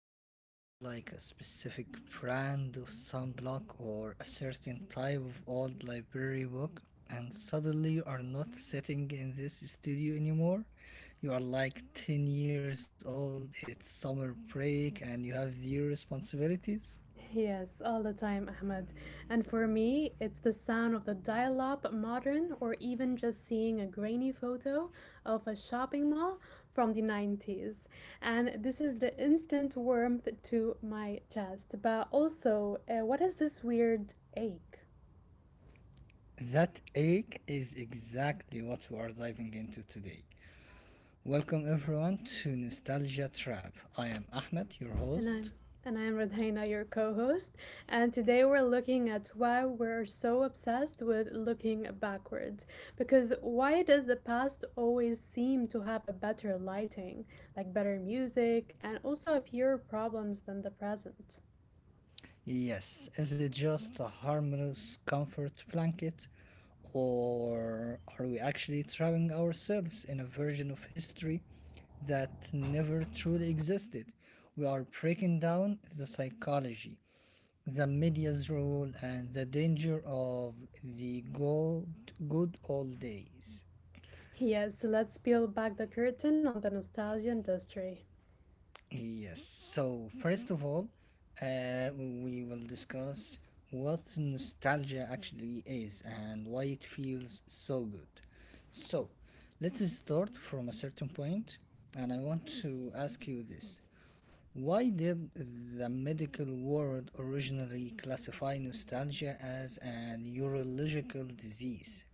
something, Rodina, like a specific brand of sunblock or a certain type of old library book, and suddenly you are not sitting in this studio anymore? You are like 10 years old, it's summer break, and you have zero responsibilities? Yes, all the time, Ahmed. And for me, it's the sound of the dial up modern or even just seeing a grainy photo of a shopping mall from the 90s. And this is the instant warmth to my chest. But also, what is this weird ache? That ache is exactly what we are diving into today. Welcome, everyone, to Nostalgia Trap. I am Ahmed, your And I'm host. and I'm Radhina, your co-host, and today we're looking at why we're so obsessed with looking backwards. Because why does the past always seem to have a better lighting, like better music, and also a fewer problems than the present? Yes, is it just a harmless comfort blanket, or are we actually trapping ourselves in a version of history that never truly existed? We are breaking down the psychology, the media's role, and the danger of the good old days. Yes, let's peel back the curtain on the nostalgia industry. Yes. So, first of all, we will discuss what nostalgia actually is and why it feels so good. So, let's start from a certain point, and I want to ask you this. Why did the medical world originally classify nostalgia as an neurological disease?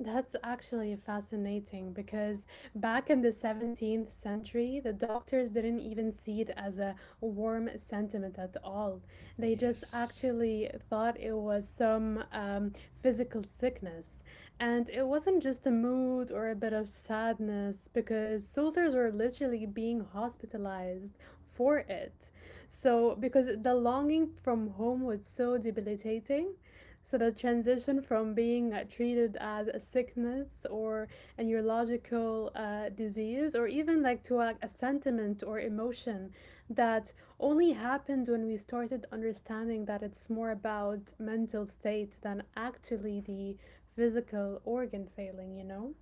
That's actually fascinating because back in the 17th century, the doctors didn't even see it as a warm sentiment at all. They just Yes, actually thought it was some physical sickness. And it wasn't just a mood or a bit of sadness because soldiers were literally being hospitalized for it. So, because the longing from home was so debilitating so the transition yes. from being treated as a sickness or a neurological disease, or even like to a sentiment or emotion that only happened when we started understanding that it's more about mental state than actually the physical organ failing, you know?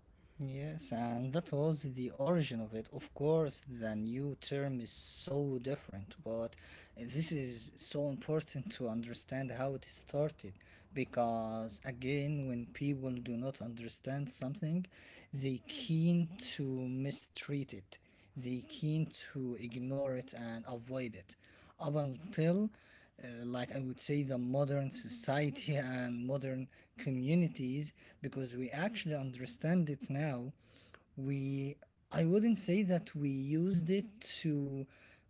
Yes, and that was the origin of it. Of course, the new term is so different, but this is so important to understand how it started. Because again, when people do not understand something, they keen to mistreat it, they keen to ignore it and avoid it up until like I would say the modern society and modern communities, because we actually understand it now. We i wouldn't say that we used it to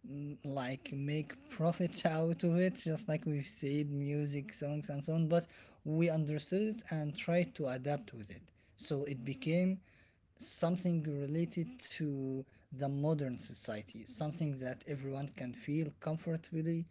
like make profits out of it, just like we've said, music, songs, and so on, but we understood it and tried to adapt with it. So it became something related to the modern society, something that everyone can feel comfortably.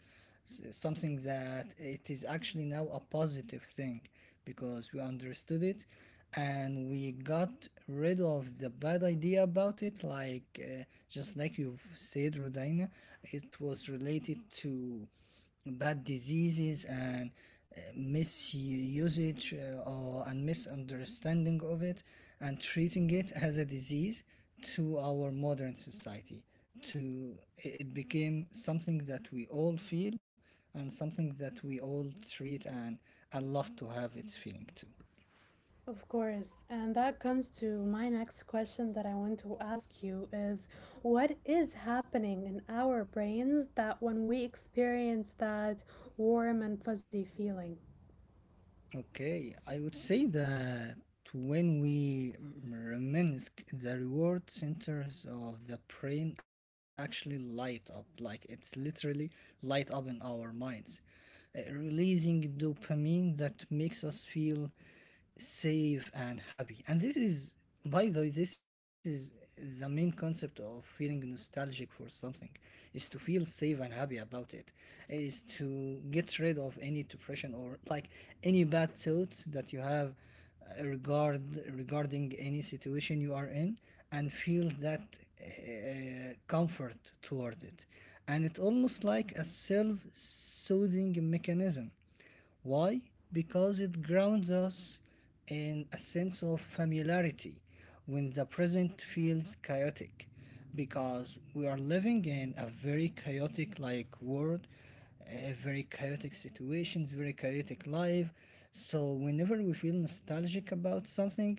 Something that it is actually now a positive thing, because we understood it and we got rid of the bad idea about it, like just like you've said, Rodina. It was related to bad diseases and misusage, or and misunderstanding of it, and treating it as a disease. To our modern society, to it became something that we all feel, and something that we all treat, and I love to have its feeling too. Of course. And that comes to my next question that I want to ask you is what is happening in our brains that when we experience that warm and fuzzy feeling? Okay, I would say that when we reminisce, the reward centers of the brain actually light up, like it literally light up in our minds, releasing dopamine that makes us feel safe and happy. And this is, by the way, this is the main concept of feeling nostalgic for something, is to feel safe and happy about it, is to get rid of any depression, or like any bad thoughts that you have uh, regard regarding any situation you are in, and feel that comfort toward it. And it's almost like a self-soothing mechanism. Why? Because it grounds us in a sense of familiarity when the present feels chaotic, because we are living in a very chaotic like world, a very chaotic situations, very chaotic life. So whenever we feel nostalgic about something,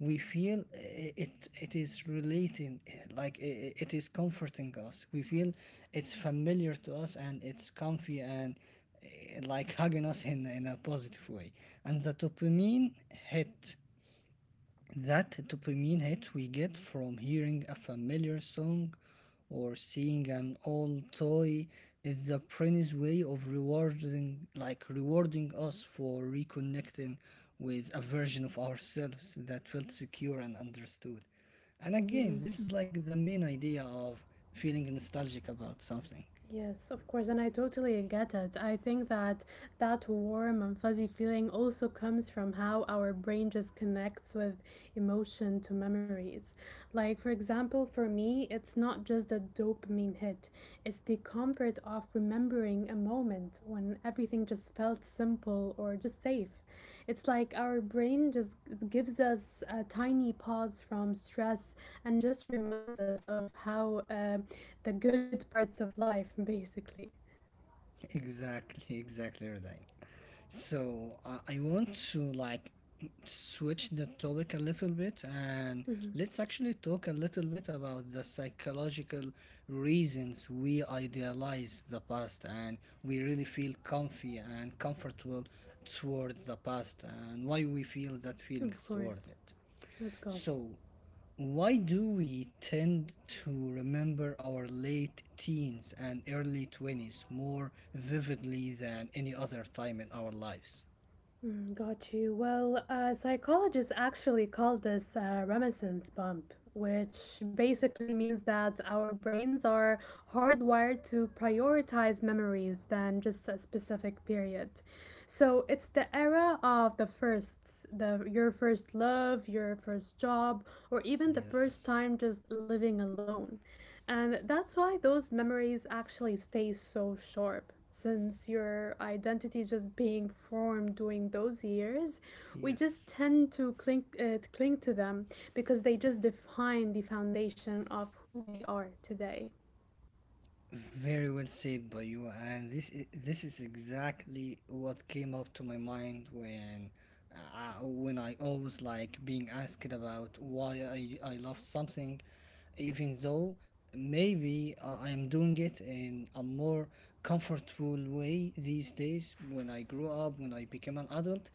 we feel eh, it is relating eh, like it. It is comforting us. We feel it's familiar to us, and it's comfy and like hugging us in a positive way. And the dopamine hit, that dopamine hit we get from hearing a familiar song or seeing an old toy is the brain's way of rewarding, like rewarding us for reconnecting with a version of ourselves that felt secure and understood. And Mm-hmm. again, this is like the main idea of feeling nostalgic about something. Yes, of course, and I totally get it. I think that that warm and fuzzy feeling also comes from how our brain just connects with emotion to memories. Like, for example, for me, it's not just a dopamine hit, it's the comfort of remembering a moment when everything just felt simple or just safe. It's like our brain just gives us a tiny pause from stress and just reminds us of how the good parts of life, basically. Exactly, exactly, Rodine. So I want to like switch the topic a little bit, and Mhm. let's actually talk a little bit about the psychological reasons we idealize the past, and we really feel comfy and comfortable toward the past, and why we feel that Of feelings toward course. it. Let's go. So, why do we tend to remember our late teens and early 20s more vividly than any other time in our lives? Mm. Got you. Well, psychologists actually call this a reminiscence bump, which basically means that our brains are hardwired to prioritize memories than just a specific period. So it's the era of the firsts, the your first love, your first job, or even the first Yes, time just living alone. And that's why those memories actually stay so sharp since your identity is just being formed during those years, we just yes. tend to cling to them because they just define the foundation of who we are today. Very well said by you, and this is exactly what came up to my mind when when I always like being asked about why I love something, even though maybe I am doing it in a more comfortable way these days. When I grew up, when I became an adult,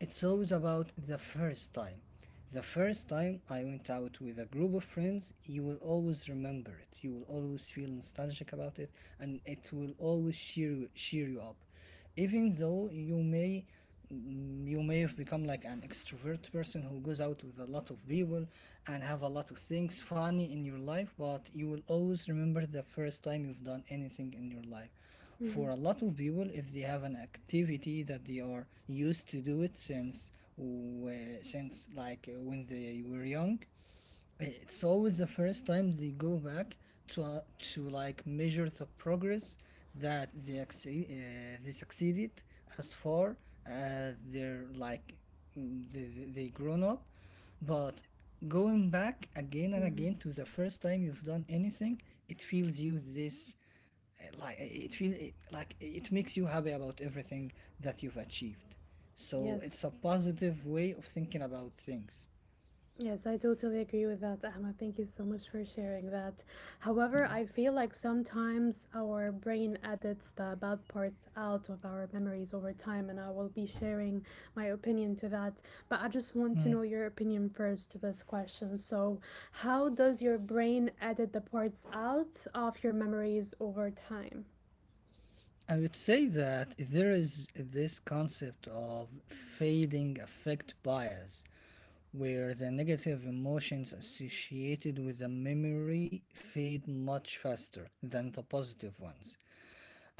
it's always about the first time. The first time I went out with a group of friends, you will always remember it. You will always feel nostalgic about it, and it will always cheer you up. Even though you may you may have become like an extrovert person who goes out with a lot of people and have a lot of things funny in your life, but you will always remember the first time you've done anything in your life. Hmm. For a lot of people, if they have an activity that they are used to do it since since when they were young, it's always the first time they go back to like measure the progress that they succeeded, as far as they're like they grown up. But going back again and Hmm. again to the first time you've done anything, it feels you this, like it feel it, really, like it makes you happy about everything that you've achieved. So Yes. it's a positive way of thinking about things, Yes, I totally agree with that, Ahmed. Thank you so much for sharing that. you However, know? I feel like sometimes our brain edits the bad parts out of our memories over time, and I will be sharing my opinion to that. But I just want to Mm. know your opinion first to this question. So, how does your brain edit the parts out of your memories over time? I would say that there is this concept of fading affect bias, where the negative emotions associated with a memory fade much faster than the positive ones.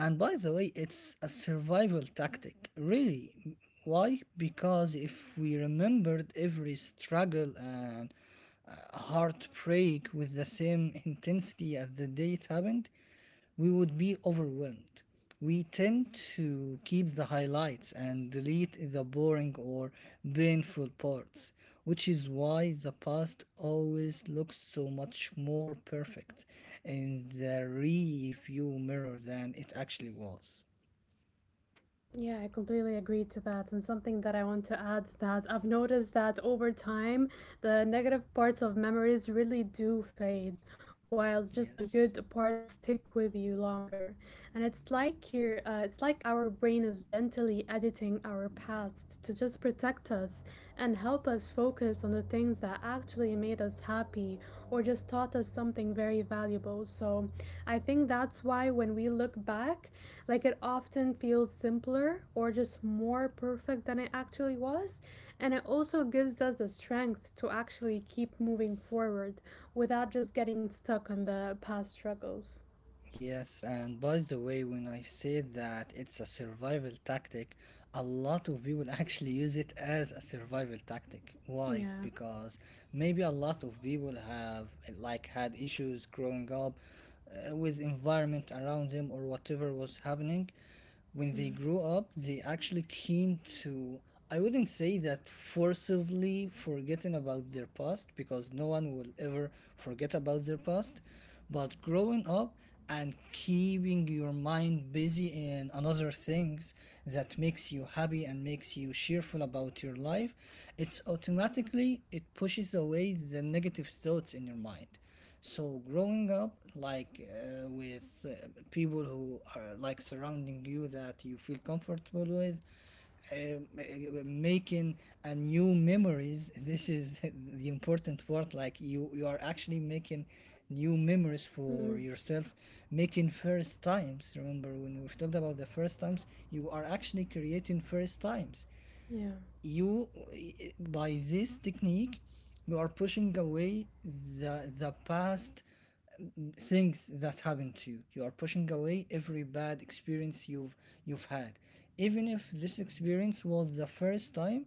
And by the way, it's a survival tactic, really. Why? Because if we remembered every struggle and heartbreak with the same intensity as the day it happened, we would be overwhelmed. We tend to keep the highlights and delete the boring or painful parts, which is why the past always looks so much more perfect in the rearview mirror than it actually was. Yeah, I completely agree to that. And something that I want to add that I've noticed that over time, the negative parts of memories really do fade, while just the Yes. good parts stick with you longer. And it's like it's like our brain is gently editing our past to just protect us and help us focus on the things that actually made us happy or just taught us something very valuable. So I think that's why when we look back, like it often feels simpler or just more perfect than it actually was. And it also gives us the strength to actually keep moving forward without just getting stuck on the past struggles. Yes, and by the way, when I say that it's a survival tactic, a lot of people actually use it as a survival tactic. Why? Yeah. Because maybe a lot of people have had issues growing up with environment around them, or whatever was happening when they Mm-hmm. grow up. They actually keen to, I wouldn't say that forcibly forgetting about their past, because no one will ever forget about their past, but growing up and keeping your mind busy in another things that makes you happy and makes you cheerful about your life, it's automatically it pushes away the negative thoughts in your mind. So growing up like with people who are like surrounding you that you feel comfortable with, um, uh, making a new memories. This is the important part. Like you are actually making new memories Mm-hmm. for yourself, making first times. Remember when we've talked about the first times, you are actually creating first times. Yeah. By this technique you are pushing away the past things that happen to you. You are pushing away every bad experience you've had, even if this experience was the first time,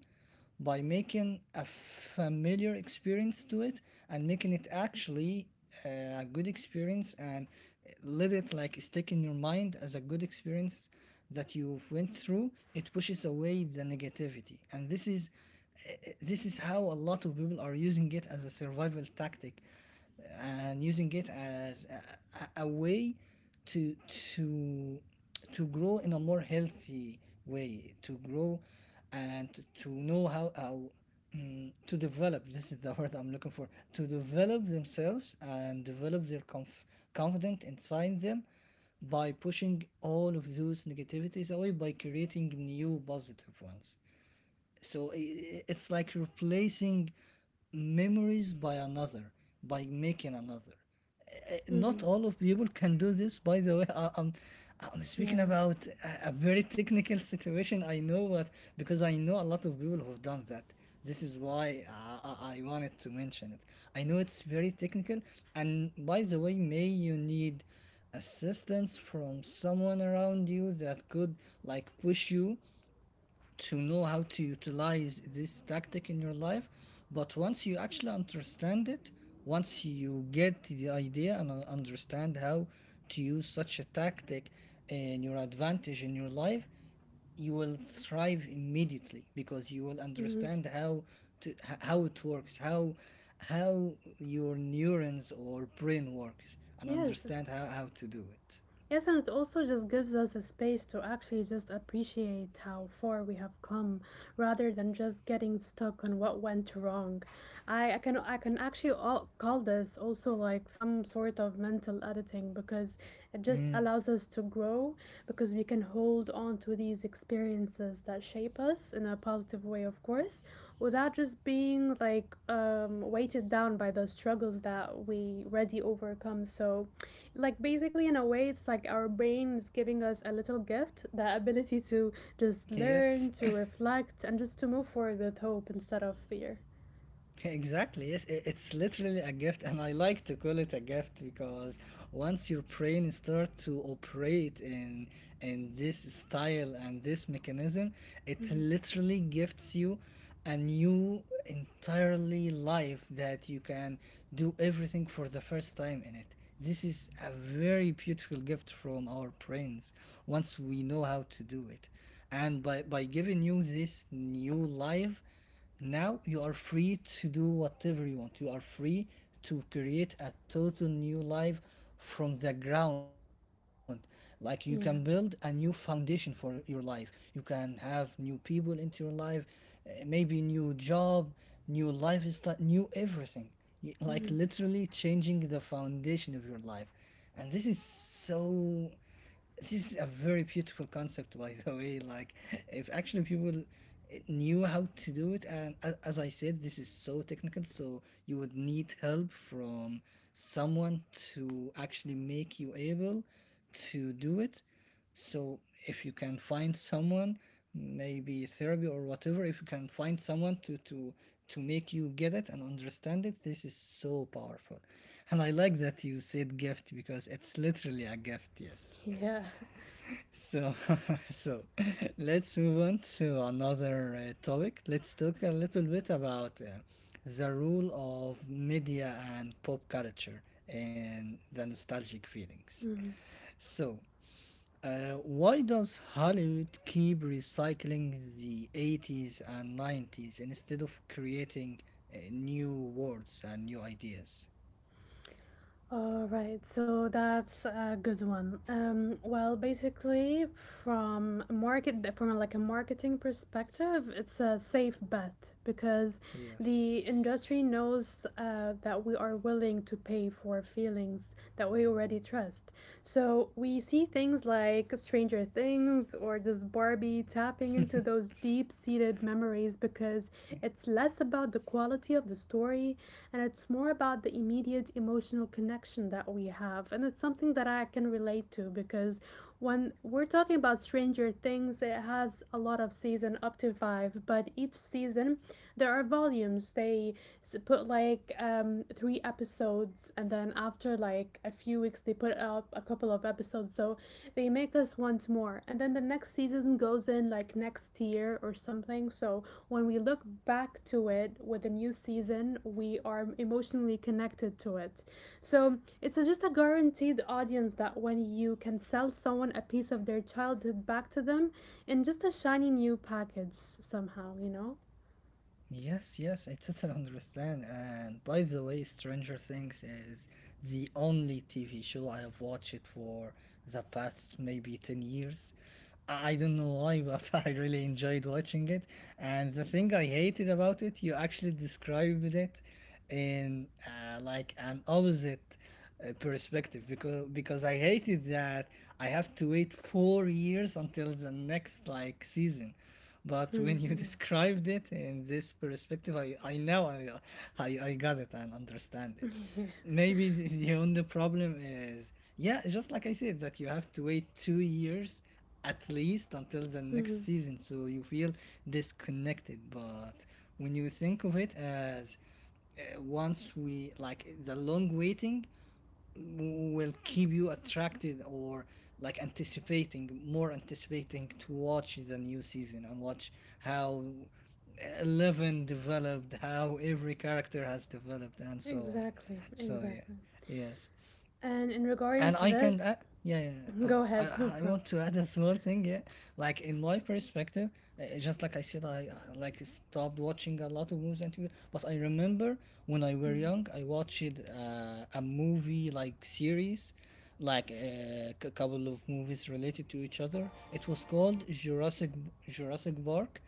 by making a familiar experience to it and making it actually a good experience, and let it like stick in your mind as a good experience that you've went through. It pushes away the negativity, and this is how a lot of people are using it as a survival tactic, and using it as a way to to to grow in a more healthy way, to grow, and to know how to develop, this is the word I'm looking for, to develop themselves and develop their confidence inside them, by pushing all of those negativities away by creating new positive ones. So it's like replacing memories by another, by making another. Mm-hmm. Not all of people can do this. By the way, I'm speaking Yeah. about a very technical situation, I know, but because I know a lot of people who've done that. This is why I wanted to mention it. I know it's very technical, and by the way, may you need assistance from someone around you that could like push you to know how to utilize this tactic in your life. But once you actually understand it, once you get the idea and understand how to use such a tactic in your advantage in your life, you will thrive immediately, because you will Mm-hmm. understand how to h- how it works, how your neurons or brain works, and Yes. understand how to do it. Yes, and it also just gives us a space to actually just appreciate how far we have come rather than just getting stuck on what went wrong. I can actually all call this also like some sort of mental editing because it just Mm, allows us to grow because we can hold on to these experiences that shape us in a positive way, of course, without just being like weighted down by the struggles that we already overcome. So like basically in a way it's like our brain is giving us a little gift the ability to just yes. learn to reflect and just to move forward with hope instead of fear. Exactly. Yes, it's literally a gift, and I like to call it a gift because once your brain starts to operate in this style and this mechanism, it literally gifts you a new entirely life that you can do everything for the first time in it. This is a very beautiful gift from our brains once we know how to do it, and by giving you this new life, now you are free to do whatever you want. You are free to create a total new life from the ground. Like, you can build a new Yeah. foundation for your life. You can have new people into your life, maybe new job, new lifestyle, new everything. Like literally changing the foundation of your life. And this is a very beautiful concept, by the way. Like, if actually people knew how to do it, and as I said, this is so technical, so you would need help from someone to actually make you able to do it. So if you can find someone, maybe therapy or whatever, if you can find someone to make you get it and understand it, this is so powerful. And I like that you said gift, because it's literally a gift, yes. Yeah. So, so let's move on to another topic. Let's talk a little bit about the role of media and pop culture in the nostalgic feelings. Mhm. So, uh, why does Hollywood keep recycling the 80s and 90s instead of creating new words and new ideas? All right, so that's a good one. Well, basically, from like a marketing perspective, it's a safe bet because the Yes. industry knows that we are willing to pay for feelings that we already trust. So we see things like Stranger Things or just Barbie tapping into those deep-seated memories because it's less about the quality of the story and it's more about the immediate emotional connection that we have. And it's something that I can relate to because when we're talking about Stranger Things, it has a lot of season up to five, but each season there are volumes. They put like three episodes, and then after like a few weeks, they put up a couple of episodes. So they make us want more. And then the next season goes in like next year or something. So when we look back to it with a new season, we are emotionally connected to it. So it's just a guaranteed audience that when you can sell someone a piece of their childhood back to them in just a shiny new package somehow, you know? Yes, yes, I totally understand. And by the way, Stranger Things is the only TV show I have watched it for the past maybe 10 years. I don't know why, but I really enjoyed watching it. And the thing I hated about it, you actually described it in like an opposite perspective, because I hated that I have to wait 4 years until the next like season. But Hmm, when you yeah. described it in this perspective, I now I got it and understand it. Yeah. Maybe the only problem is, yeah, just like I said, that you have to wait 2 years at least until the next Hmm. season, so you feel disconnected. But when you think of it as, once we like the long waiting will keep you attracted, or like anticipating to watch the new season and watch how 11 developed, how every character has developed and so on. Exactly, So yeah, exactly. yes, And in regarding and to I this, can, yeah, yeah. Yeah, uh, go ahead, no I, I problem. want to add a small thing, yeah. Like in my perspective, just like I said, I like stopped watching a lot of movies and TV, but I remember when I were Mhm, young I watched a movie like series, like a couple of movies related to each other. It was called Jurassic Park.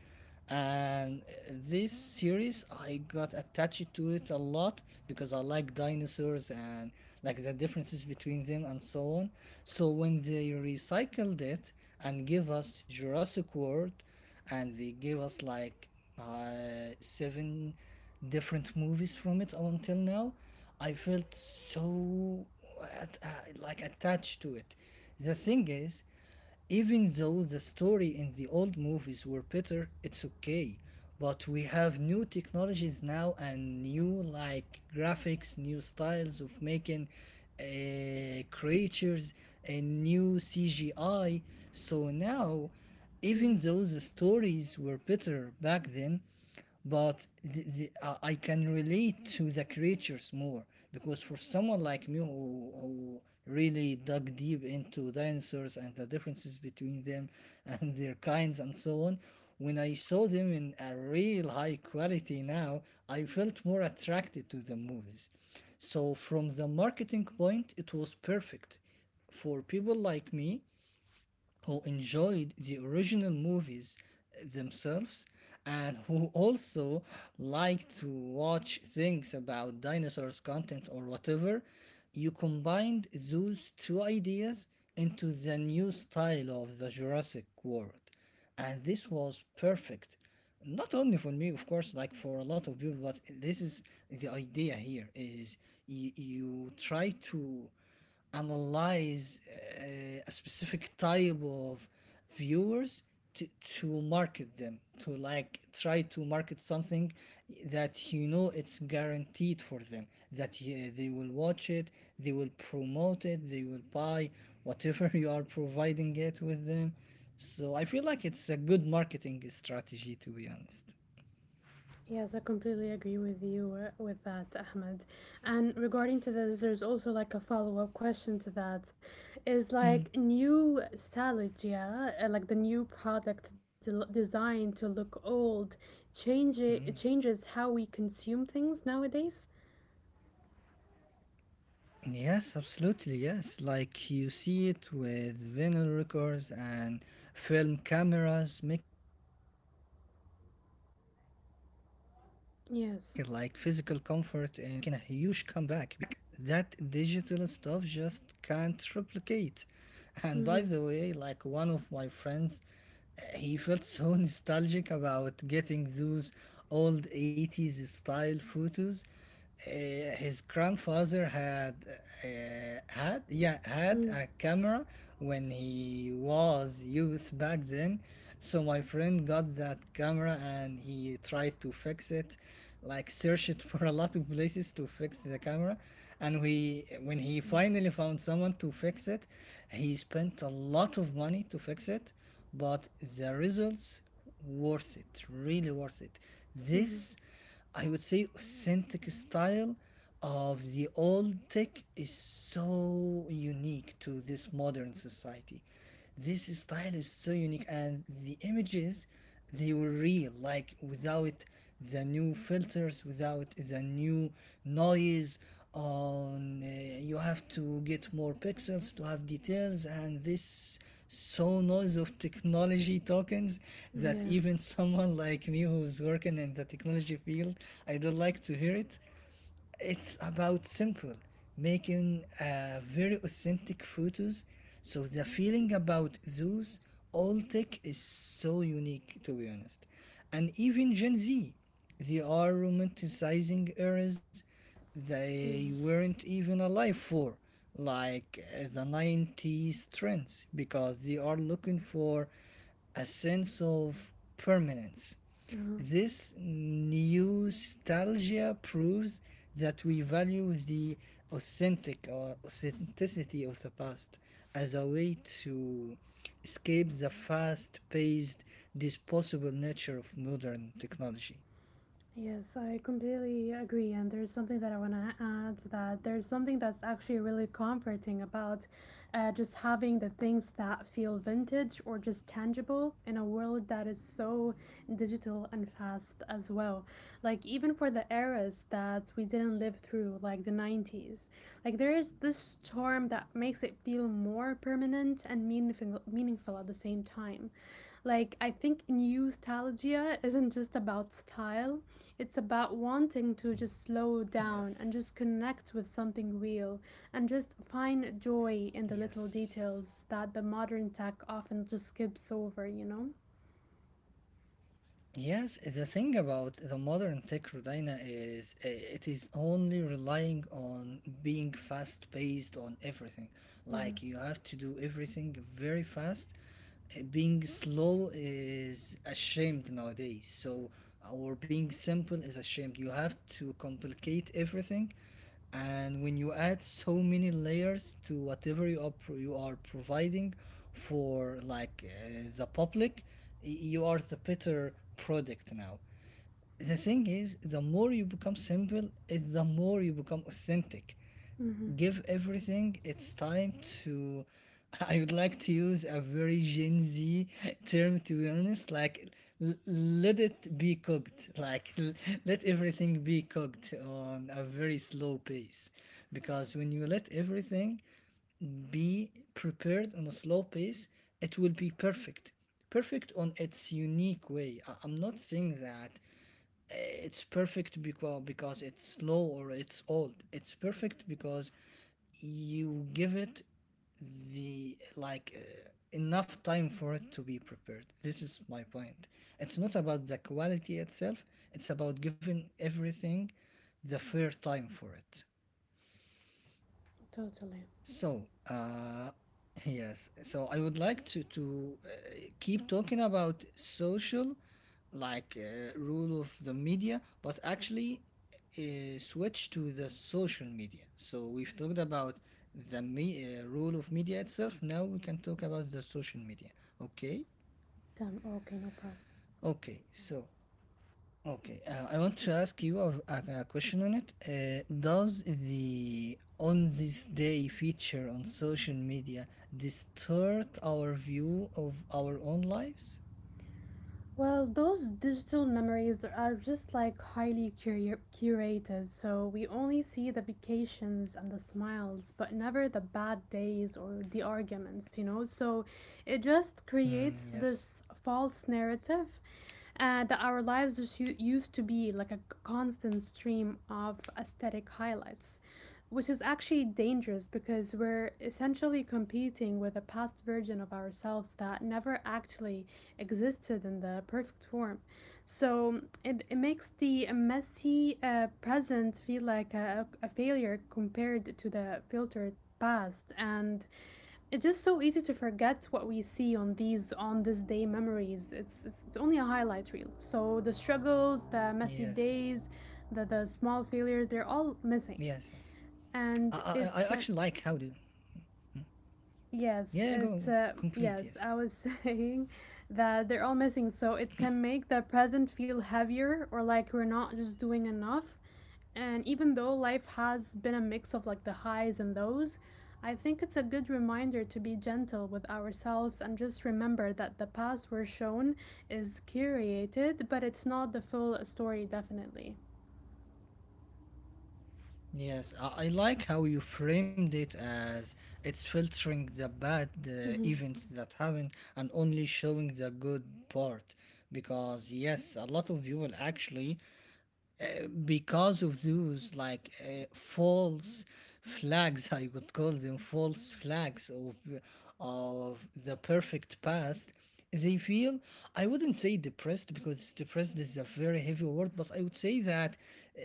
And this series, I got attached to it a lot because I like dinosaurs and like the differences between them and so on. So when they recycled it and give us Jurassic World, and they gave us like seven different movies from it up until now, I felt so at, uh, like attached to it. The thing is, even though the story in the old movies were better, it's okay. But we have new technologies now, and new like graphics, new styles of making creatures, and new CGI. So now, even mhm. though the stories were better back then, but I can relate to the creatures more, because for someone like me who really dug deep into dinosaurs and the differences between them and their kinds and so on, when I saw them in a real high quality now, I felt more attracted to the movies. So from the marketing point, it was perfect for people like me who enjoyed the original movies themselves, and who also like to watch things about dinosaurs content or whatever. You combined those two ideas into the new style of the Jurassic World, and this was perfect, not only for me of course, like for a lot of people. But this is, the idea here is, you try to analyze a specific type of viewers, to market them, to like try to market something that you know it's guaranteed for them, that they will watch it, they will promote it, they will buy whatever you are providing it with them. So I feel like it's a good marketing strategy, to be honest. Yes, I completely agree with you with that, Ahmed. And regarding to this, there's also like a follow-up question to that. Is like new stylistic, yeah, like the new product del designed to look old, changes how we consume things nowadays? Yes, absolutely. Yes, like you see it with vinyl records and film cameras making a huge comeback, because there is a tackle Yes. like physical comfort in all tech that digital stuff just can't replicate. And by Mm-hmm. the way, like one of my friends, he felt so nostalgic about getting those old 80s style photos. His grandfather had, had Mm. a camera when he was youth back then. So my friend got that camera and he tried to fix it, like search it for a lot of places to fix the camera. And we when he Yeah. finally found someone to fix it, he spent a lot of money to fix it. But the results worth it, really worth it. Mm-hmm. This, I would say, authentic style of the old tech is so unique to this modern society. This style is so unique, and the images, they were real, like without the new filters, without the new noise on, you have to get more pixels to have details, and this so noise of technology tokens, that Yeah. even someone like me who's working in the technology field, I don't like to hear it. It's about simple, making very authentic photos. So the feeling about those all tech is so unique, to be honest. And even Gen Z, they are romanticizing eras they Mm-hmm. weren't even alive for, like the 90s trends, because they are looking for a sense of permanence. Uh-huh. This nostalgia proves that we value the authentic, or authenticity of the past, as a way to escape the fast paced, disposable nature of modern technology. Yes, I completely agree. And there's something that I want to add that there's something that's actually really comforting about just having the things that feel vintage or just tangible in a world that is so digital and fast as well. Like, even for the eras that we didn't live through, like the 90s, like there is this charm that makes it feel more permanent and meaningful, meaningful at the same time. Like, I think nostalgia isn't just about style, it's about wanting to just slow down and Yes. just connect with something real and just find joy in the little Yes. details that the modern tech often just skips over, you know? Yes, the thing about the modern tech, Rodina, is, it is only relying on being fast paced on everything. Mm-hmm. Like you have to do everything very fast. Being slow is ashamed nowadays. So, or being simple is ashamed. You have to complicate everything, and when you add so many layers to whatever you are you are providing for like, the public, you are the better product now. The thing is, the more you become simple is the more you become authentic. Mm-hmm. Give everything its time to, I would like to use a very Gen Z term, to be honest, like, let it be cooked. Like, let everything be cooked on a very slow pace. Because when you let everything be prepared on a slow pace, it will be perfect. Perfect on its unique way. I'm not saying that it's perfect because it's slow or it's old. It's perfect because you give it the like, enough time for it to be prepared. This is my point. It's not about the quality itself. It's about giving everything the fair time for it. Totally. So, yes. So I would like to keep talking about social, like, rule of the media, but actually, switch to the social media. So we've talked about the rule of media itself. Now we can talk about the social media. Okay. Damn, okay, no problem. Okay. So, okay, I want to ask you a question on it. Does the on this day feature on social media distort our view of our own lives? Well, those digital memories are just like highly curated, so we only see the vacations and the smiles, but never the bad days or the arguments, you know? So it just Mm, creates yes, this false narrative that our lives just used to be like a constant stream of aesthetic highlights, which is actually dangerous because we're essentially competing with a past version of ourselves that never actually existed in the perfect form. So it makes the messy present feel like a failure compared to the filtered past, and it's just so easy to forget what we see on these on this day memories. It's, it's only a highlight reel, so the struggles, the messy yes, yeah. days, the Yes. small Yeah. failures, they're all I, missing. I, I actually like how do. And it can Mm. Yeah, go go. Yes. it Complete. Yes. Yes. Yes, I was saying that they're all missing so it can make the present feel heavier or like we're not just doing enough. And even though life has been a mix of like the highs and lows, I think it's a good reminder to be gentle with ourselves and just remember that the past we're shown is curated, but it's not the full story, definitely. Yes, I like how you framed it as it's filtering the bad Mm-hmm. events that happened, and only showing the good part. Because, yes, a lot of people actually, because of those like, false flags, I would call them false flags, of the perfect past, they feel, I wouldn't say depressed, because depressed is a very heavy word, but I would say that, uh,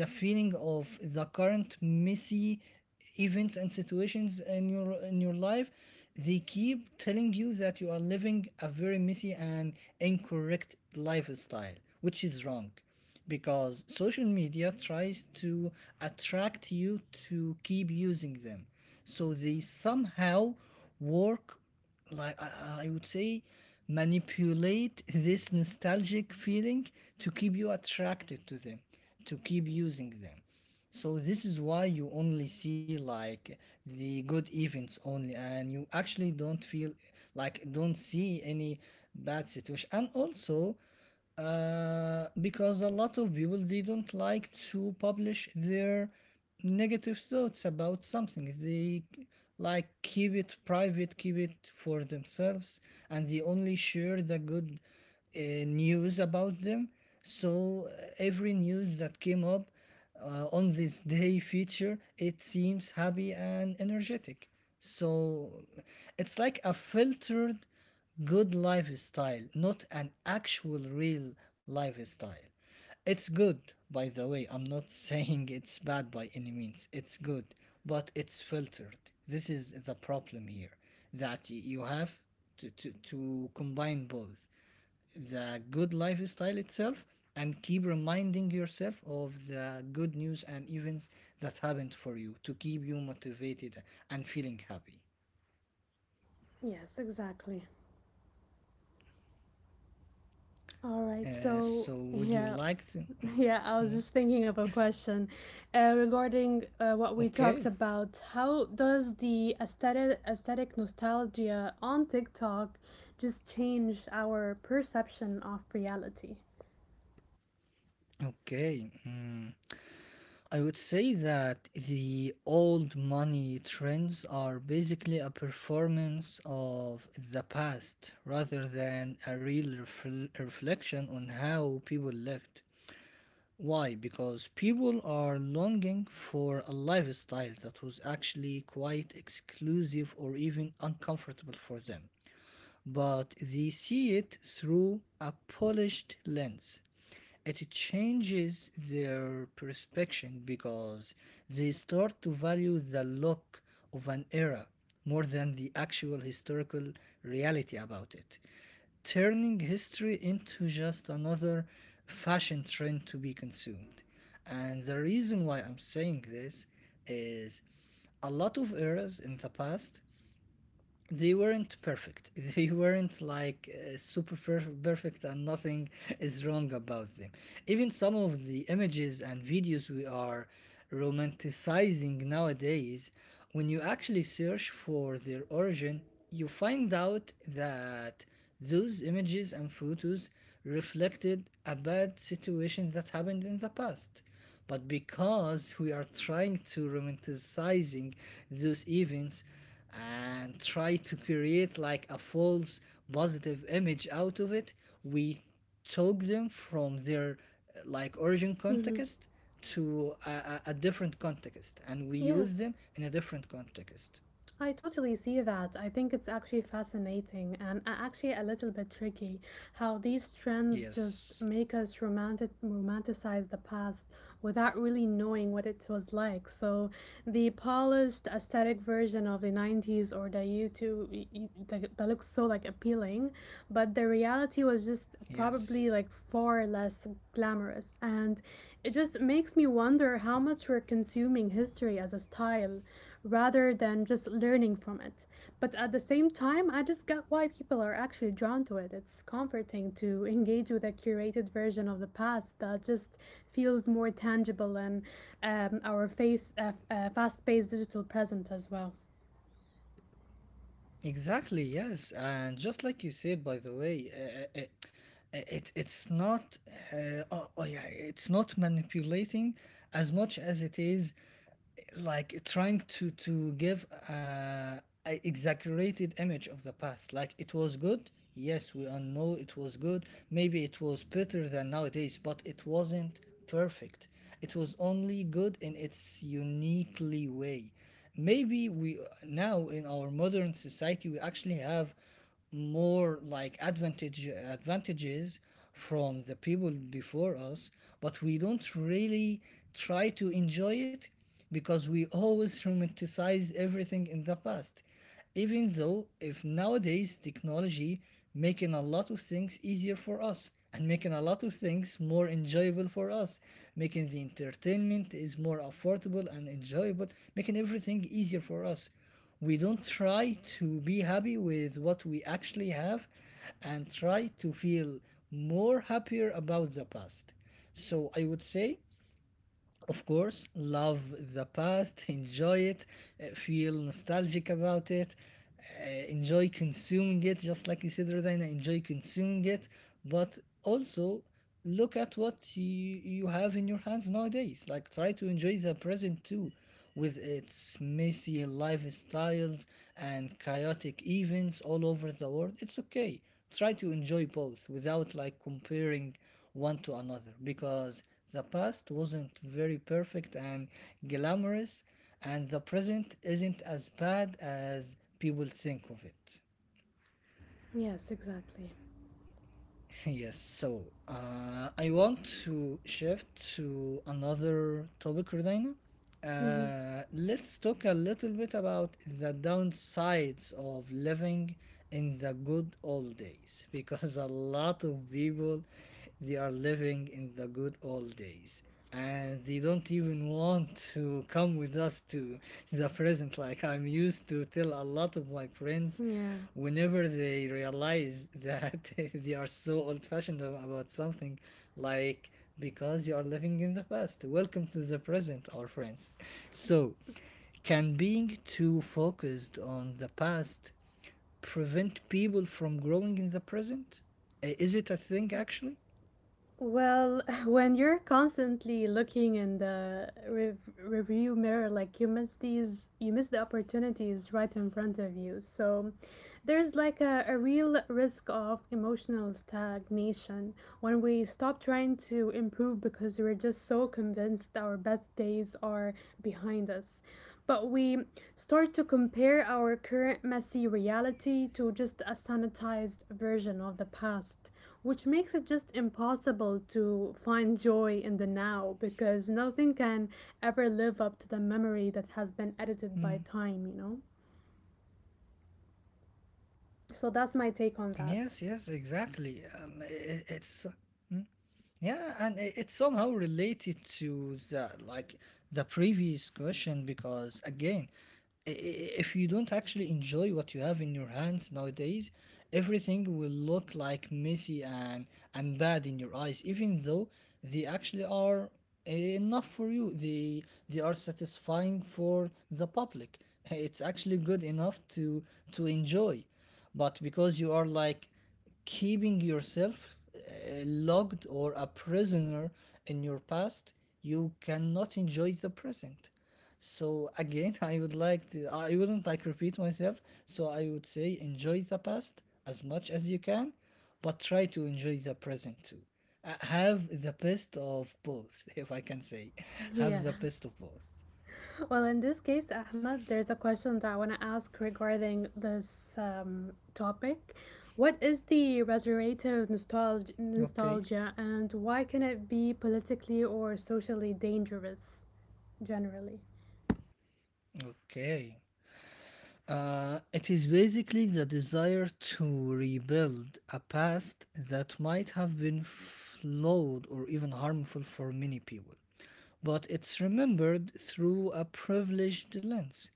the feeling of the current messy events and situations in your life, they keep telling you that you are living a very messy and incorrect lifestyle, which is wrong, because social media tries to attract you to keep using them. So they somehow work, like, I would say, manipulate this nostalgic feeling to keep you attracted to them, to keep using them. So this is why you only see like the good events only, and you actually don't feel, like don't see any bad situation. And also, because a lot of people, they don't like to publish their negative thoughts about something. They like keep it private, keep it for themselves, and they only share the good, uh, news about them. So, every news that came up, on this day feature, it seems happy and energetic. So it's like a filtered good lifestyle, not an actual real lifestyle. It's good, by the way. I'm not saying it's bad by any means. It's good, but it's filtered. This is the problem here that you have to combine both the good lifestyle itself and keep reminding yourself of the good news and events that happened for you to keep you motivated and feeling happy. Yes, exactly. All right, Uh, so so, would you yeah, like to? mm, yeah, I was just thinking of a question regarding what we talked Okay. about. How does aesthetic nostalgia on TikTok just change our perception of reality? Okay. I would say that the old money trends are basically a performance of the past rather than a real reflection on how people lived. Why? Because people are longing for a lifestyle that was actually quite exclusive or even uncomfortable for them, but they see it through a polished lens. It changes their perception because they start to value the look of an era more than the actual historical reality about it, turning history into just another fashion trend to be consumed. And the reason why I'm saying this is a lot of eras in the past, they weren't perfect. They weren't like super perfect, and nothing is wrong about them. Even some of the images and videos we are romanticizing nowadays, when you actually search for their origin, you find out that those images and photos reflected a bad situation that happened in the past, but because we are trying to romanticizing those events and try to create like a false positive image out of it, we took them from their like origin Hmm. context to a different context, and we use Yes. them in a different context. I totally see that. I think it's actually fascinating and actually a little bit tricky how these trends just Yes, make us romanticize the past without really knowing what it was like. So the polished aesthetic version of the 90s or the YouTube that that looks so like appealing, but the reality was just yes, probably like far less glamorous, and it just makes me wonder how much we're consuming history as a style rather than just learning from it. But at the same time, I just get why people are actually drawn to it. It's comforting to engage with a curated version of the past that just feels more tangible in our fast-paced digital present as well. exactly. Yes, and just like you said, by the way, it's not, oh yeah, it's not manipulating as much as it is like trying to give a exaggerated image of the past. Like, it was good. Yes, we all know it was good. Maybe it was better than nowadays, but it wasn't perfect. It was only good in its uniquely way. Maybe we now in our modern society, we actually have more like advantages from the people before us, but we don't really try to enjoy it because we always romanticize everything in the past, even though if nowadays technology making a lot of things easier for us and making a lot of things more enjoyable for us, making the entertainment is more affordable and enjoyable, making everything easier for us. We don't try to be happy with what we actually have and try to feel more happier about the past. So I would say, of course, love the past, enjoy it, feel nostalgic about it, enjoy consuming it, just like you said, Rodina, enjoy consuming it, but also look at what you have in your hands nowadays. Like, try to enjoy the present too, with its messy lifestyles and chaotic events all over the world. It's okay. Try to enjoy both without like comparing one to another because the past wasn't very perfect and glamorous, and the present isn't as bad as people think of it. Yes, exactly. Yes, so I want to shift to another topic, Rodina. Hmm. Let's talk a little bit about the downsides of living in the good old days because a lot of people, they are living in the good old days and they don't even want to come with us to the present. Like, I'm used to tell a lot of my friends Yeah. whenever they realize that they are so old fashioned about something. Like, because you are living in the past. Welcome to the present, our friends. So, can being too focused on the past prevent people from growing in the present? Is it a thing, actually? Well, when you're constantly looking in the review mirror like humans, these, you miss the opportunities right in front of you. So there's like a real risk of emotional stagnation when we stop trying to improve because we're just so convinced our best days are behind us. But we start to compare our current messy reality to just a sanitized version of the past, which makes it just impossible to find joy in the now because nothing can ever live up to the memory that has been edited by Mm. time, So that's my take on that. Yes, yes, exactly. I- it's Yeah, and it's somehow related to the like the previous question because again, if you don't actually enjoy what you have in your hands nowadays, everything will look like messy and bad in your eyes, even though they actually are enough for you. They are satisfying for the public. It's actually good enough to enjoy, but because you are like keeping yourself locked or a prisoner in your past, you cannot enjoy the present. So again, I wouldn't like repeat myself. So I would say enjoy the past as much as you can, but try to enjoy the present too. Have the best of both, if I can say. Have Yeah. the best of both. Well, in this case, Ahmed, there's a question that I want to ask regarding this topic. What is the resurrective nostalgia, Okay. nostalgia and why can it be politically or socially dangerous generally? Okay. It is basically the desire to rebuild a past that might have been flawed or even harmful for many people, but it's remembered through a privileged lens.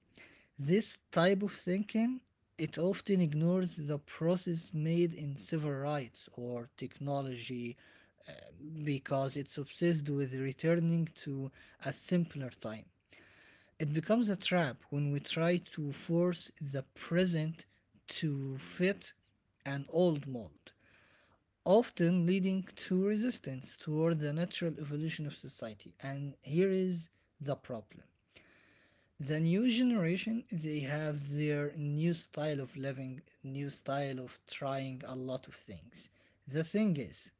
This type of thinking, it often ignores the process made in civil rights or technology because it's obsessed with returning to a simpler time. It becomes a trap when we try to force the present to fit an old mold, often leading to resistance toward the natural evolution of society. And here is the problem. The new generation, they have their new style of living, new style of trying a lot of things. The thing is,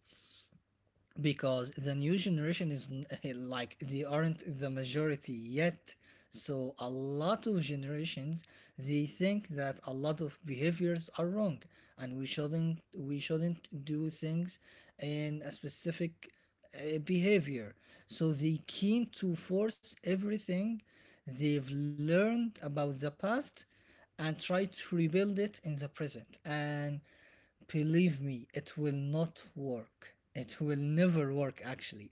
because the new generation is, like, they aren't the majority yet, so a lot of generations, they think that a lot of behaviors are wrong and we shouldn't do things in a specific behavior, so they keen to force everything they've learned about the past and try to rebuild it in the present, and believe me, it will not work. It will never work actually,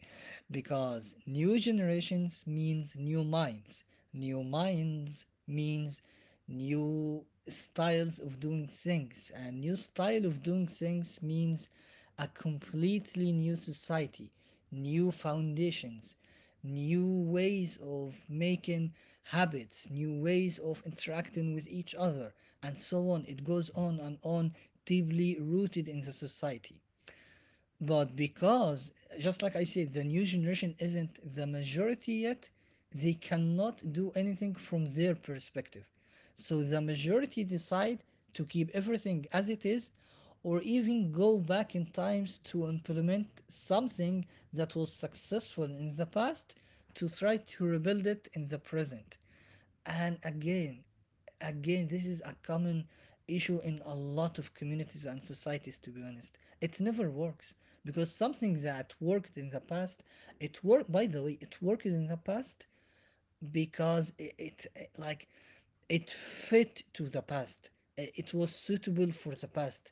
because new generations means new minds. New minds means new styles of doing things, and new style of doing things means a completely new society, new foundations, new ways of making habits, new ways of interacting with each other, and so on. It goes on and on, deeply rooted in the society. But because, just like I said, the new generation isn't the majority yet, they cannot do anything from their perspective. So the majority decide to keep everything as it is or even go back in times to implement something that was successful in the past to try to rebuild it in the present. And again, this is a common issue in a lot of communities and societies. To be honest, it never works because something that worked in the past, it worked, by the way, it worked in the past because like it fit to the past. It was suitable for the past.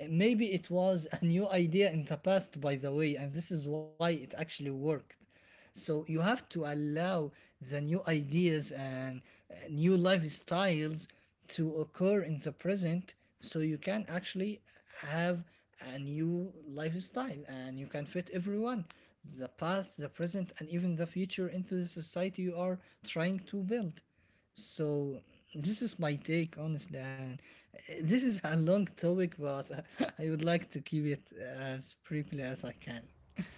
Maybe it was a new idea in the past, by the way, and this is why it actually worked. So you have to allow the new ideas and new lifestyles to occur in the present so you can actually have a new lifestyle, and you can fit everyone, the past, the present, and even the future, into the society you are trying to build. So this is my take honestly, and this is a long topic, but I would like to keep it as briefly as I can.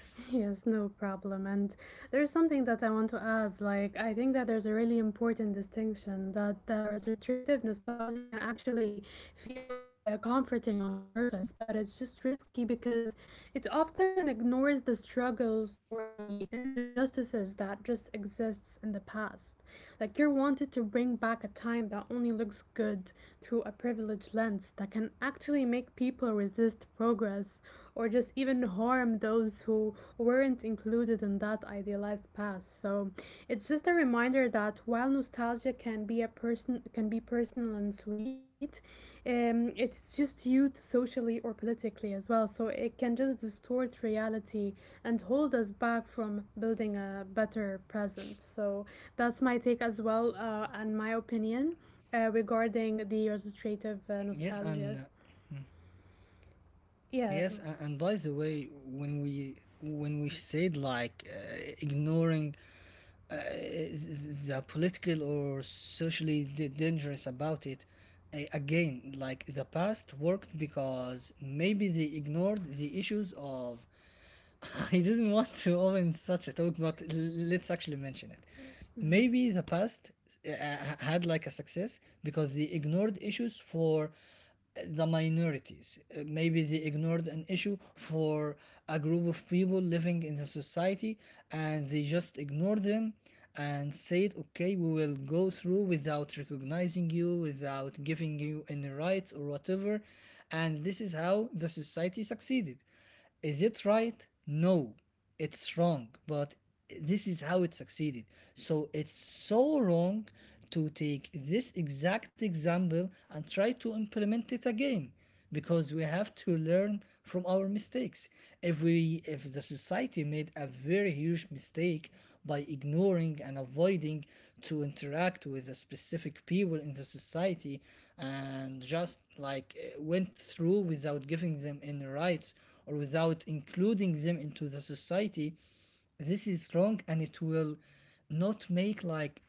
Yes, no problem. And there's something that I want to add. Like, I think that there's a really important distinction that the restorative nostalgia can actually feel comforting on the surface, but it's just risky because it often ignores the struggles or the injustices that just exists in the past. Like, you're wanted to bring back a time that only looks good through a privileged lens that can actually make people resist progress or just even harm those who weren't included in that idealized past. So it's just a reminder that while nostalgia can be a person can be personal and sweet, it's just used socially or politically as well. So it can just distort reality and hold us back from building a better present. So that's my take as well and my opinion regarding the illustrative Yes, and nostalgia. Mm. Yeah, Yes, and by the way, when we said like ignoring, uh, the political or socially dangerous about it. Again, like the past worked because maybe they ignored the issues of— I didn't want to open such a talk, but let's actually mention it. Maybe the past uh, had like a success because they ignored issues for the minorities. Maybe they ignored an issue for a group of people living in the society, and they just ignored them and said, okay, we will go through without recognizing you, without giving you any rights or whatever. And this is how the society succeeded. Is it right? No, it's wrong, but this is how it succeeded. So it's so wrong to take this exact example and try to implement it again because we have to learn from our mistakes. If the society made a very huge mistake by ignoring and avoiding to interact with a specific people in the society and just like went through without giving them any rights or without including them into the society, this is wrong and it will not make like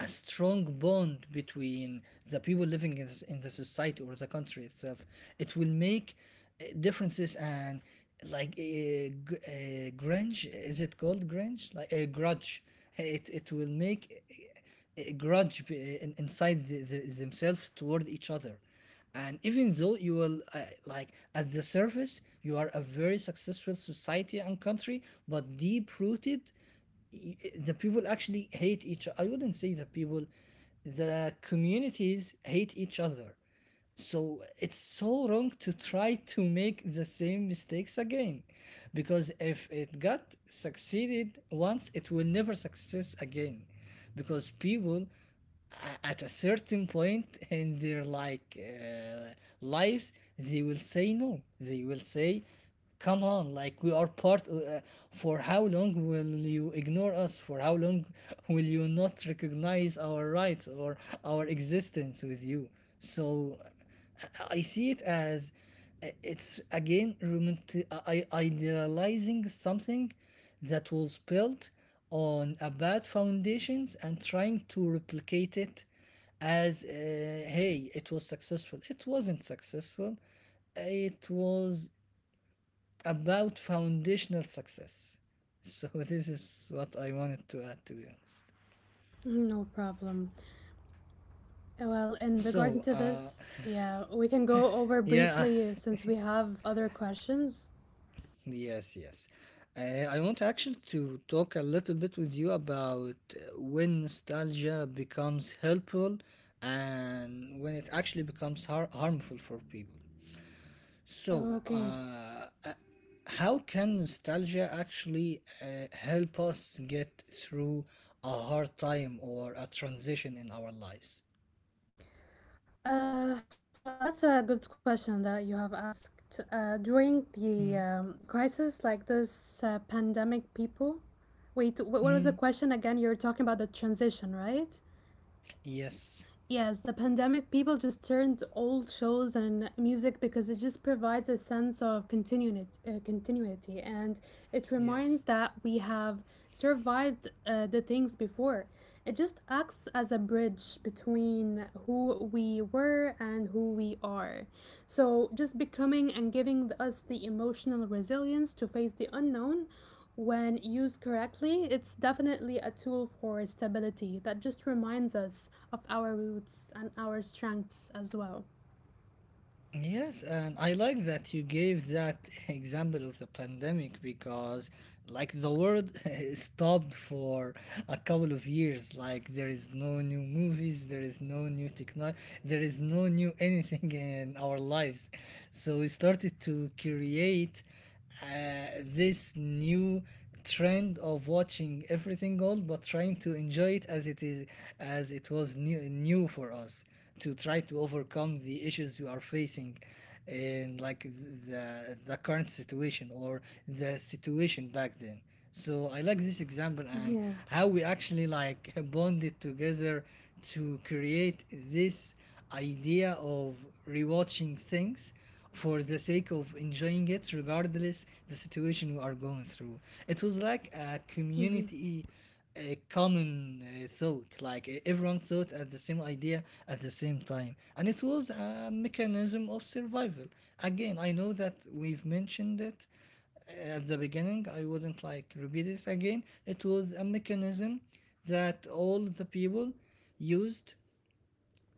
a strong bond between the people living in the society or the country itself. It will make differences and like a grudge. Is it called grudge? Like a grudge. It will make a grudge inside themselves toward each other. And even though you will like at the surface, you are a very successful society and country, but deep rooted the people actually hate each— I wouldn't say the people, the communities hate each other. So it's so wrong to try to make the same mistakes again, because if it got succeeded once it will never success again. Because people at a certain point in their like lives, they will say no, they will say come on, like we are part— for how long will you ignore us, for how long will you not recognize our rights or our existence with you? So I see it as it's again idealizing something that was built on a bad foundations, and trying to replicate it as hey, it was successful. It wasn't successful. It was about foundational success. So this is what I wanted to add, to be honest. no problem. Oh, well, in regarding So, to uh, this, yeah, we can go over yeah, briefly since we have other questions. yes, yes. I want actually to talk a little bit with you about when nostalgia becomes helpful and when it actually becomes harmful for people. So, Okay. uh, uh, how can nostalgia actually help us get through a hard time or a transition in our lives? Well, that's a good question that you have asked. During the Mm, crisis like this pandemic, people. Wait, what was the mm, question again? You're talking about the transition, right? yes, Yes, the pandemic, people just turned to old shows and music because it just provides a sense of continuity, continuity and it yes. reminds that we have survived the things before. It just acts as a bridge between who we were and who we are. So, just becoming and giving us the emotional resilience to face the unknown when used correctly, it's definitely a tool for stability that just reminds us of our roots and our strengths as well. Yes, and I like that you gave that example of the pandemic because, like, the world stopped for a couple of years. Like, there is no new movies, there is no new technology, there is no new anything in our lives. So, we started to create this new trend of watching everything old but trying to enjoy it as it is, as it was new, new for us, to try to overcome the issues you are facing in like the current situation or the situation back then. So I like this example, and Yeah. how we actually like bonded together to create this idea of rewatching things for the sake of enjoying it regardless the situation we are going through. It was like a Hmm. community, a common thought, like everyone thought at the same idea at the same time, and it was a mechanism of survival. Again, I know that we've mentioned it at the beginning, I wouldn't like repeat it again. It was a mechanism that all the people used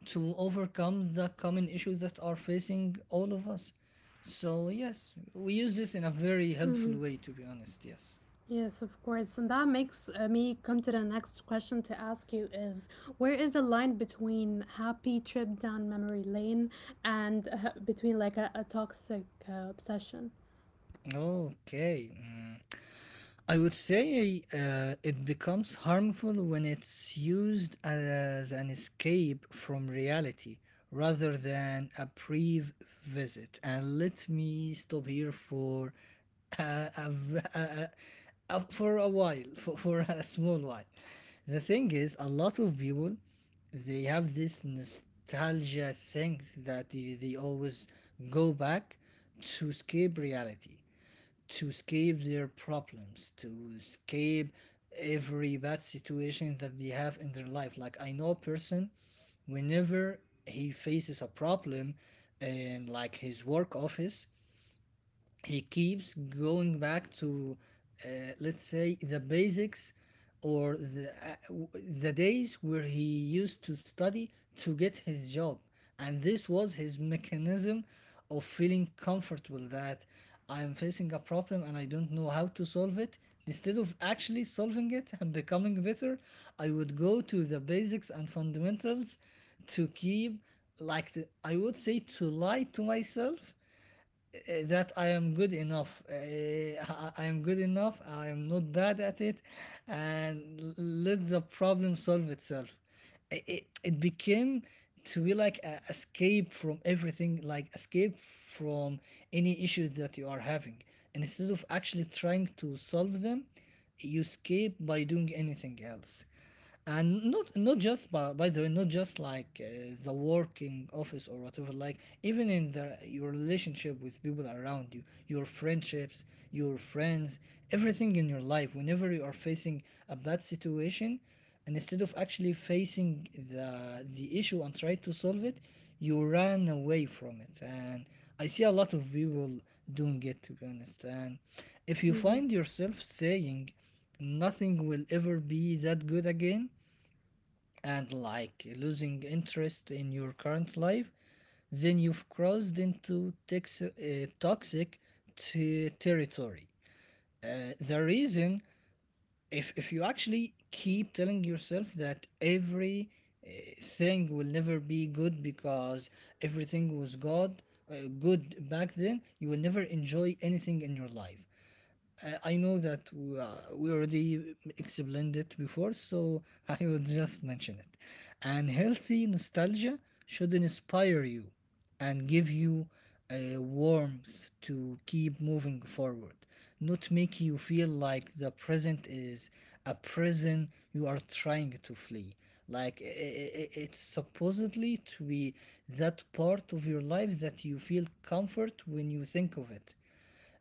to overcome the common issues that are facing all of us. So yes, we used it in a very Hmm. helpful way, to be honest. Yes, Yes, of course. And that makes me come to the next question to ask you is where is the line between happy trip down memory lane and between like a toxic obsession? okay. Mm. I would say it becomes harmful when it's used as an escape from reality rather than a brief visit. And let me stop here for a, v- a- for a while. For a small while. The thing is, a lot of people, they have this nostalgia thing that they always go back, to escape reality, to escape their problems, to escape every bad situation that they have in their life. Like I know a person, whenever he faces a problem in like his work office, he keeps going back to uh, let's say the basics, or the the days where he used to study to get his job. And this was his mechanism of feeling comfortable that I am facing a problem and I don't know how to solve it. Instead of actually solving it and becoming better, I would go to the basics and fundamentals to keep, like, I would say to lie to myself that I am good enough. I I am good enough. I am not bad at it, and let the problem solve itself. It became to be like a escape from everything, like escape from any issues that you are having. And instead of actually trying to solve them, you escape by doing anything else. And not just, by the way, not just like the working office or whatever. Like even in the your relationship with people around you, your friendships, your friends, everything in your life. Whenever you are facing a bad situation, and instead of actually facing the issue and try to solve it, you ran away from it. And I see a lot of people doing it, to be honest. And if you Hmm. find yourself saying nothing will ever be that good again, and like losing interest in your current life, then you've crossed into toxic territory. The reason, if you actually keep telling yourself that every uh, thing will never be good because everything was god, good back then, you will never enjoy anything in your life. I know that we already explained it before, so I would just mention it. And healthy nostalgia should inspire you and give you a warmth to keep moving forward, not make you feel like the present is a prison you are trying to flee. Like it's supposedly to be that part of your life that you feel comfort when you think of it.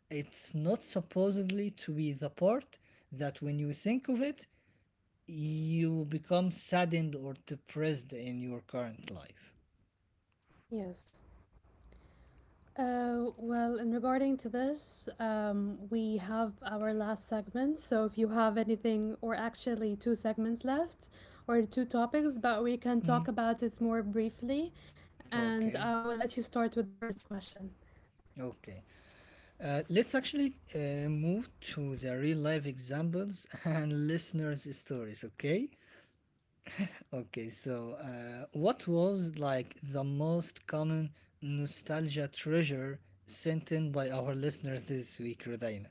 It's not supposedly to be the part that when you think of it, you become saddened or depressed in your current life. Yes. Well, in regarding to this, we have our last segment. So if you have anything, or actually two segments left, or two topics, but we can Hmm. talk about it more briefly. And Okay, I will let you start with the first question. okay. Let's actually move to the real life examples and listeners' stories, okay? Okay, so what was like the most common nostalgia treasure sent in by our listeners this week, Rudaina?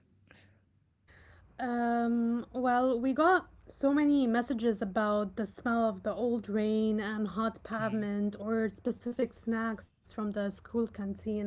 Well, we got so many messages about the smell of the old rain and hot pavement or specific snacks from the school canteen.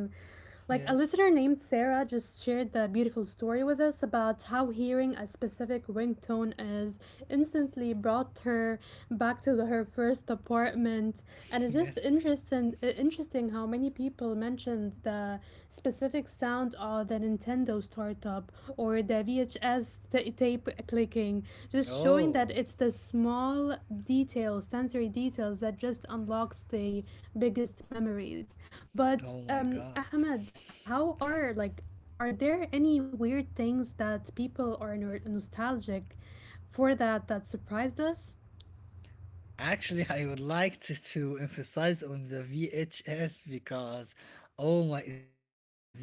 Like a listener Yes, named Sarah just shared the beautiful story with us about how hearing a specific ringtone is instantly brought her back to her first apartment, and it's just yes. interesting. Uh, interesting how many people mentioned the specific sound of the Nintendo startup or the such as ta tape clicking, just showing that Oh. it's the small details, sensory details, that just unlocks the biggest memories. But Oh my god. Ahmed, how are like, are there any weird things that people are nostalgic for that that surprised us? Actually, I would like to emphasize on the VHS because, oh my, this is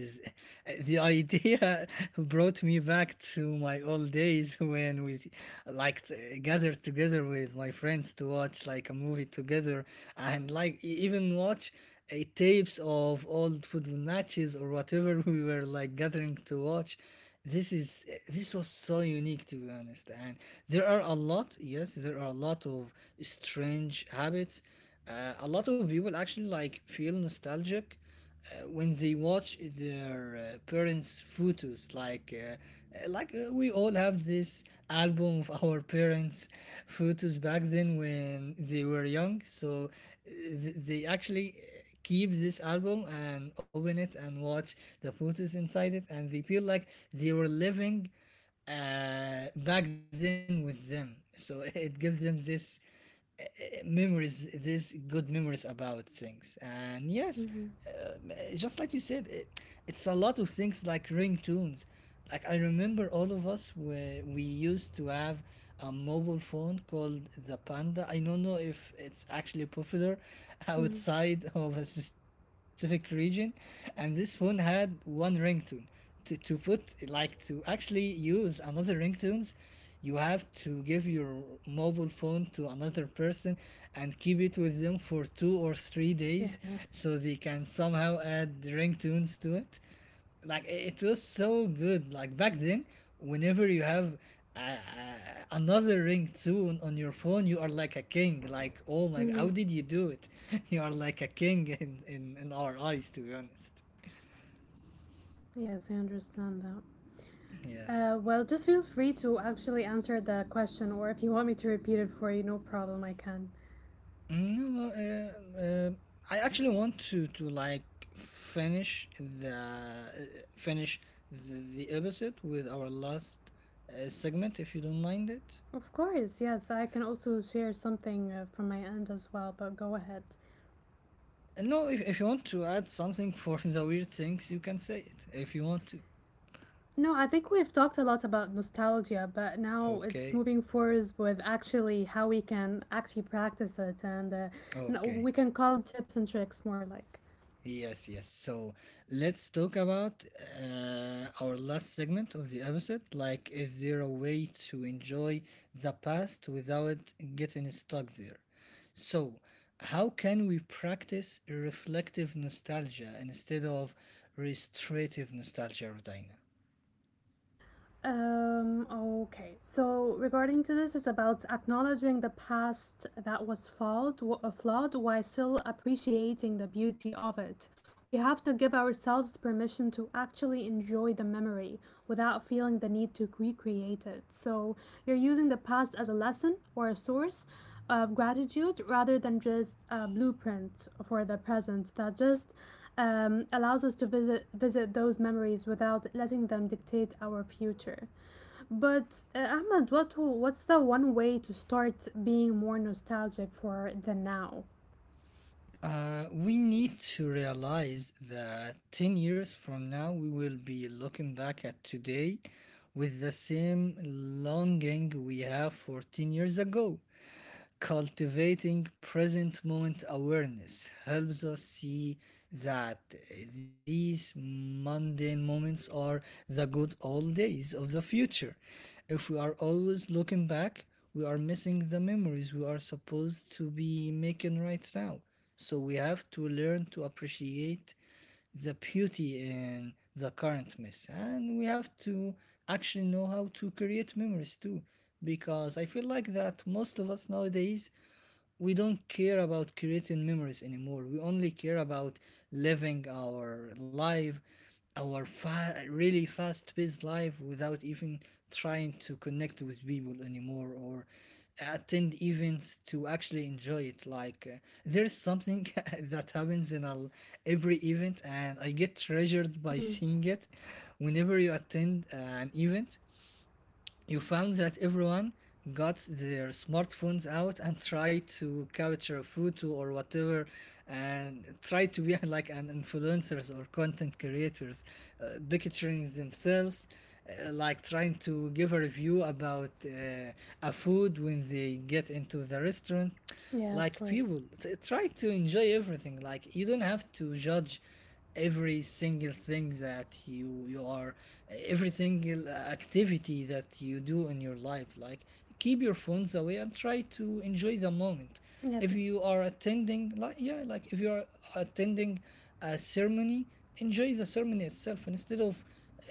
the idea brought me back to my old days when we like gather together with my friends to watch like a movie together, and like even watch a tapes of old football matches or whatever we were like gathering to watch. This is eh, this was so unique, to be honest. And there are a lot— yes, there are a lot of strange habits. A lot of people actually like feel nostalgic when they watch their parents' photos, like we all have this album of our parents' photos back then when they were young. So they actually keep this album and open it and watch the photos inside it, and they feel like they were living back then with them. So it gives them this memories, these good memories about things. And yes, Mm-hmm. Just like you said it, it's a lot of things, like ringtones. Like I remember all of us where we used to have a mobile phone called the panda. I don't know if it's actually popular Mm-hmm. outside of a specific region. And this phone had one ringtone. To put, like, to actually use another ringtones, you have to give your mobile phone to another person and keep it with them for 2 or 3 days, Yeah. so they can somehow add ringtones to it. Like it was so good. Like back then, whenever you have uh, uh, another ringtone on your phone, you are like a king. Like, oh my, Mm-hmm. how did you do it? You are like a king in our eyes, to be honest. Yes, I understand that. Yes. Well, just feel free to actually answer the question, or if you want me to repeat it for you, no problem, I can. No, well, I actually want to like finish the finish the episode with our last segment, if you don't mind it. Of course, yes. I can also share something from my end as well, but go ahead. And no, if you want to add something for the weird things, you can say it if you want to. No, I think we've talked a lot about nostalgia, but now it's Okay, moving forward with actually how we can actually practice it, and no, okay. we can call it tips and tricks more like. Yes, yes. So let's talk about our last segment of the episode. Like, is there a way to enjoy the past without getting stuck there? So, how can we practice reflective nostalgia instead of restorative nostalgia, Rodina? Okay. So regarding to this, it's about acknowledging the past that was flawed, flawed while still appreciating the beauty of it. We have to give ourselves permission to actually enjoy the memory without feeling the need to recreate it. So you're using the past as a lesson or a source of gratitude rather than just a blueprint for the present that just allows us to visit those memories without letting them dictate our future. But Ahmed, what's the one way to start being more nostalgic for the now? We need to realize that 10 years from now, we will be looking back at today with the same longing we have for 10 years ago. Cultivating present moment awareness helps us see that these mundane moments are the good old days of the future. If we are always looking back, we are missing the memories we are supposed to be making right now. So we have to learn to appreciate the beauty in the current mess. And we have to actually know how to create memories too. Because I feel like that most of us nowadays, we don't care about creating memories anymore. We only care about living our life, our really fast paced life, without even trying to connect with people anymore, or attend events to actually enjoy it. Like, there's something that happens in a, every event, and I get treasured by Mm, seeing it. Whenever you attend an event, you found that everyone got their smartphones out and tried to capture a photo or whatever, and tried to be like an influencers or content creators, picturing themselves, like trying to give a review about a food when they get into the restaurant. yeah, of Like course. people try to enjoy everything. Like, you don't have to judge every single thing that you are every single activity that you do in your life. Like, keep your phones away and try to enjoy the moment. Yeah, If you are attending, like, yeah, like if you are attending a ceremony, enjoy the ceremony itself instead of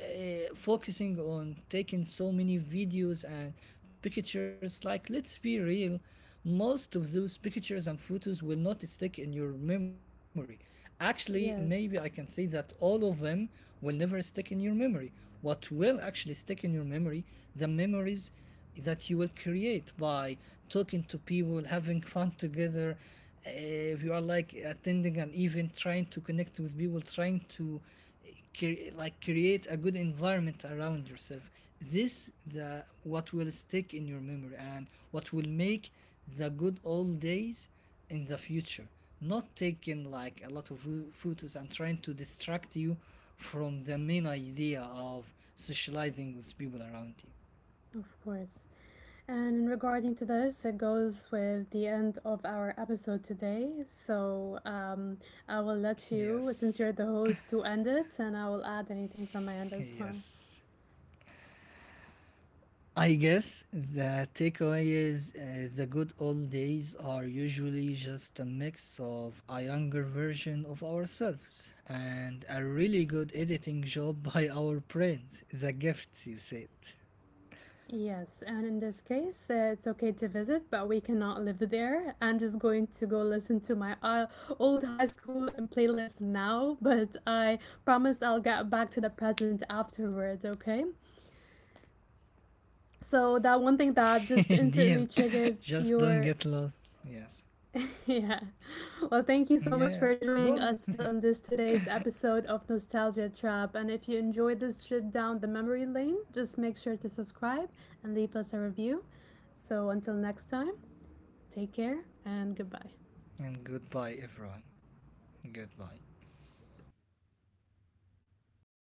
focusing on taking so many videos and pictures. Like, let's be real, most of those pictures and photos will not stick in your memory. Actually, maybe I can yes, say that all of them will never stick in your memory. What will actually stick in your memory, the memories that you will create by talking to people, having fun together. Eh, if you are like attending an event, trying to connect with people, trying to like create a good environment around yourself, this the what will stick in your memory, and what will make the good old days in the future. Not taking like a lot of photos and trying to distract you from the main idea of socializing with people around you. of course. And regarding to this, it goes with the end of our episode today. So I will let you, since Yes, you're the host, to end it, and I will add anything from my end as well. yes. I guess the takeaway is the good old days are usually just a mix of a younger version of ourselves and a really good editing job by our brains. The gifts, you said. Yes, and in this case, it's okay to visit, but we cannot live there. I'm just going to go listen to my old high school playlist now, but I promise I'll get back to the present afterwards, okay? So, that one thing that just Deal. instantly triggers Just don't your get lost. Yes. yeah. Well, thank you so much Yeah. for Go joining us ahead. on this today's episode of Nostalgia Trap. And if you enjoyed this trip down the memory lane, just make sure to subscribe and leave us a review. So until next time, take care and goodbye. And goodbye, everyone. Goodbye.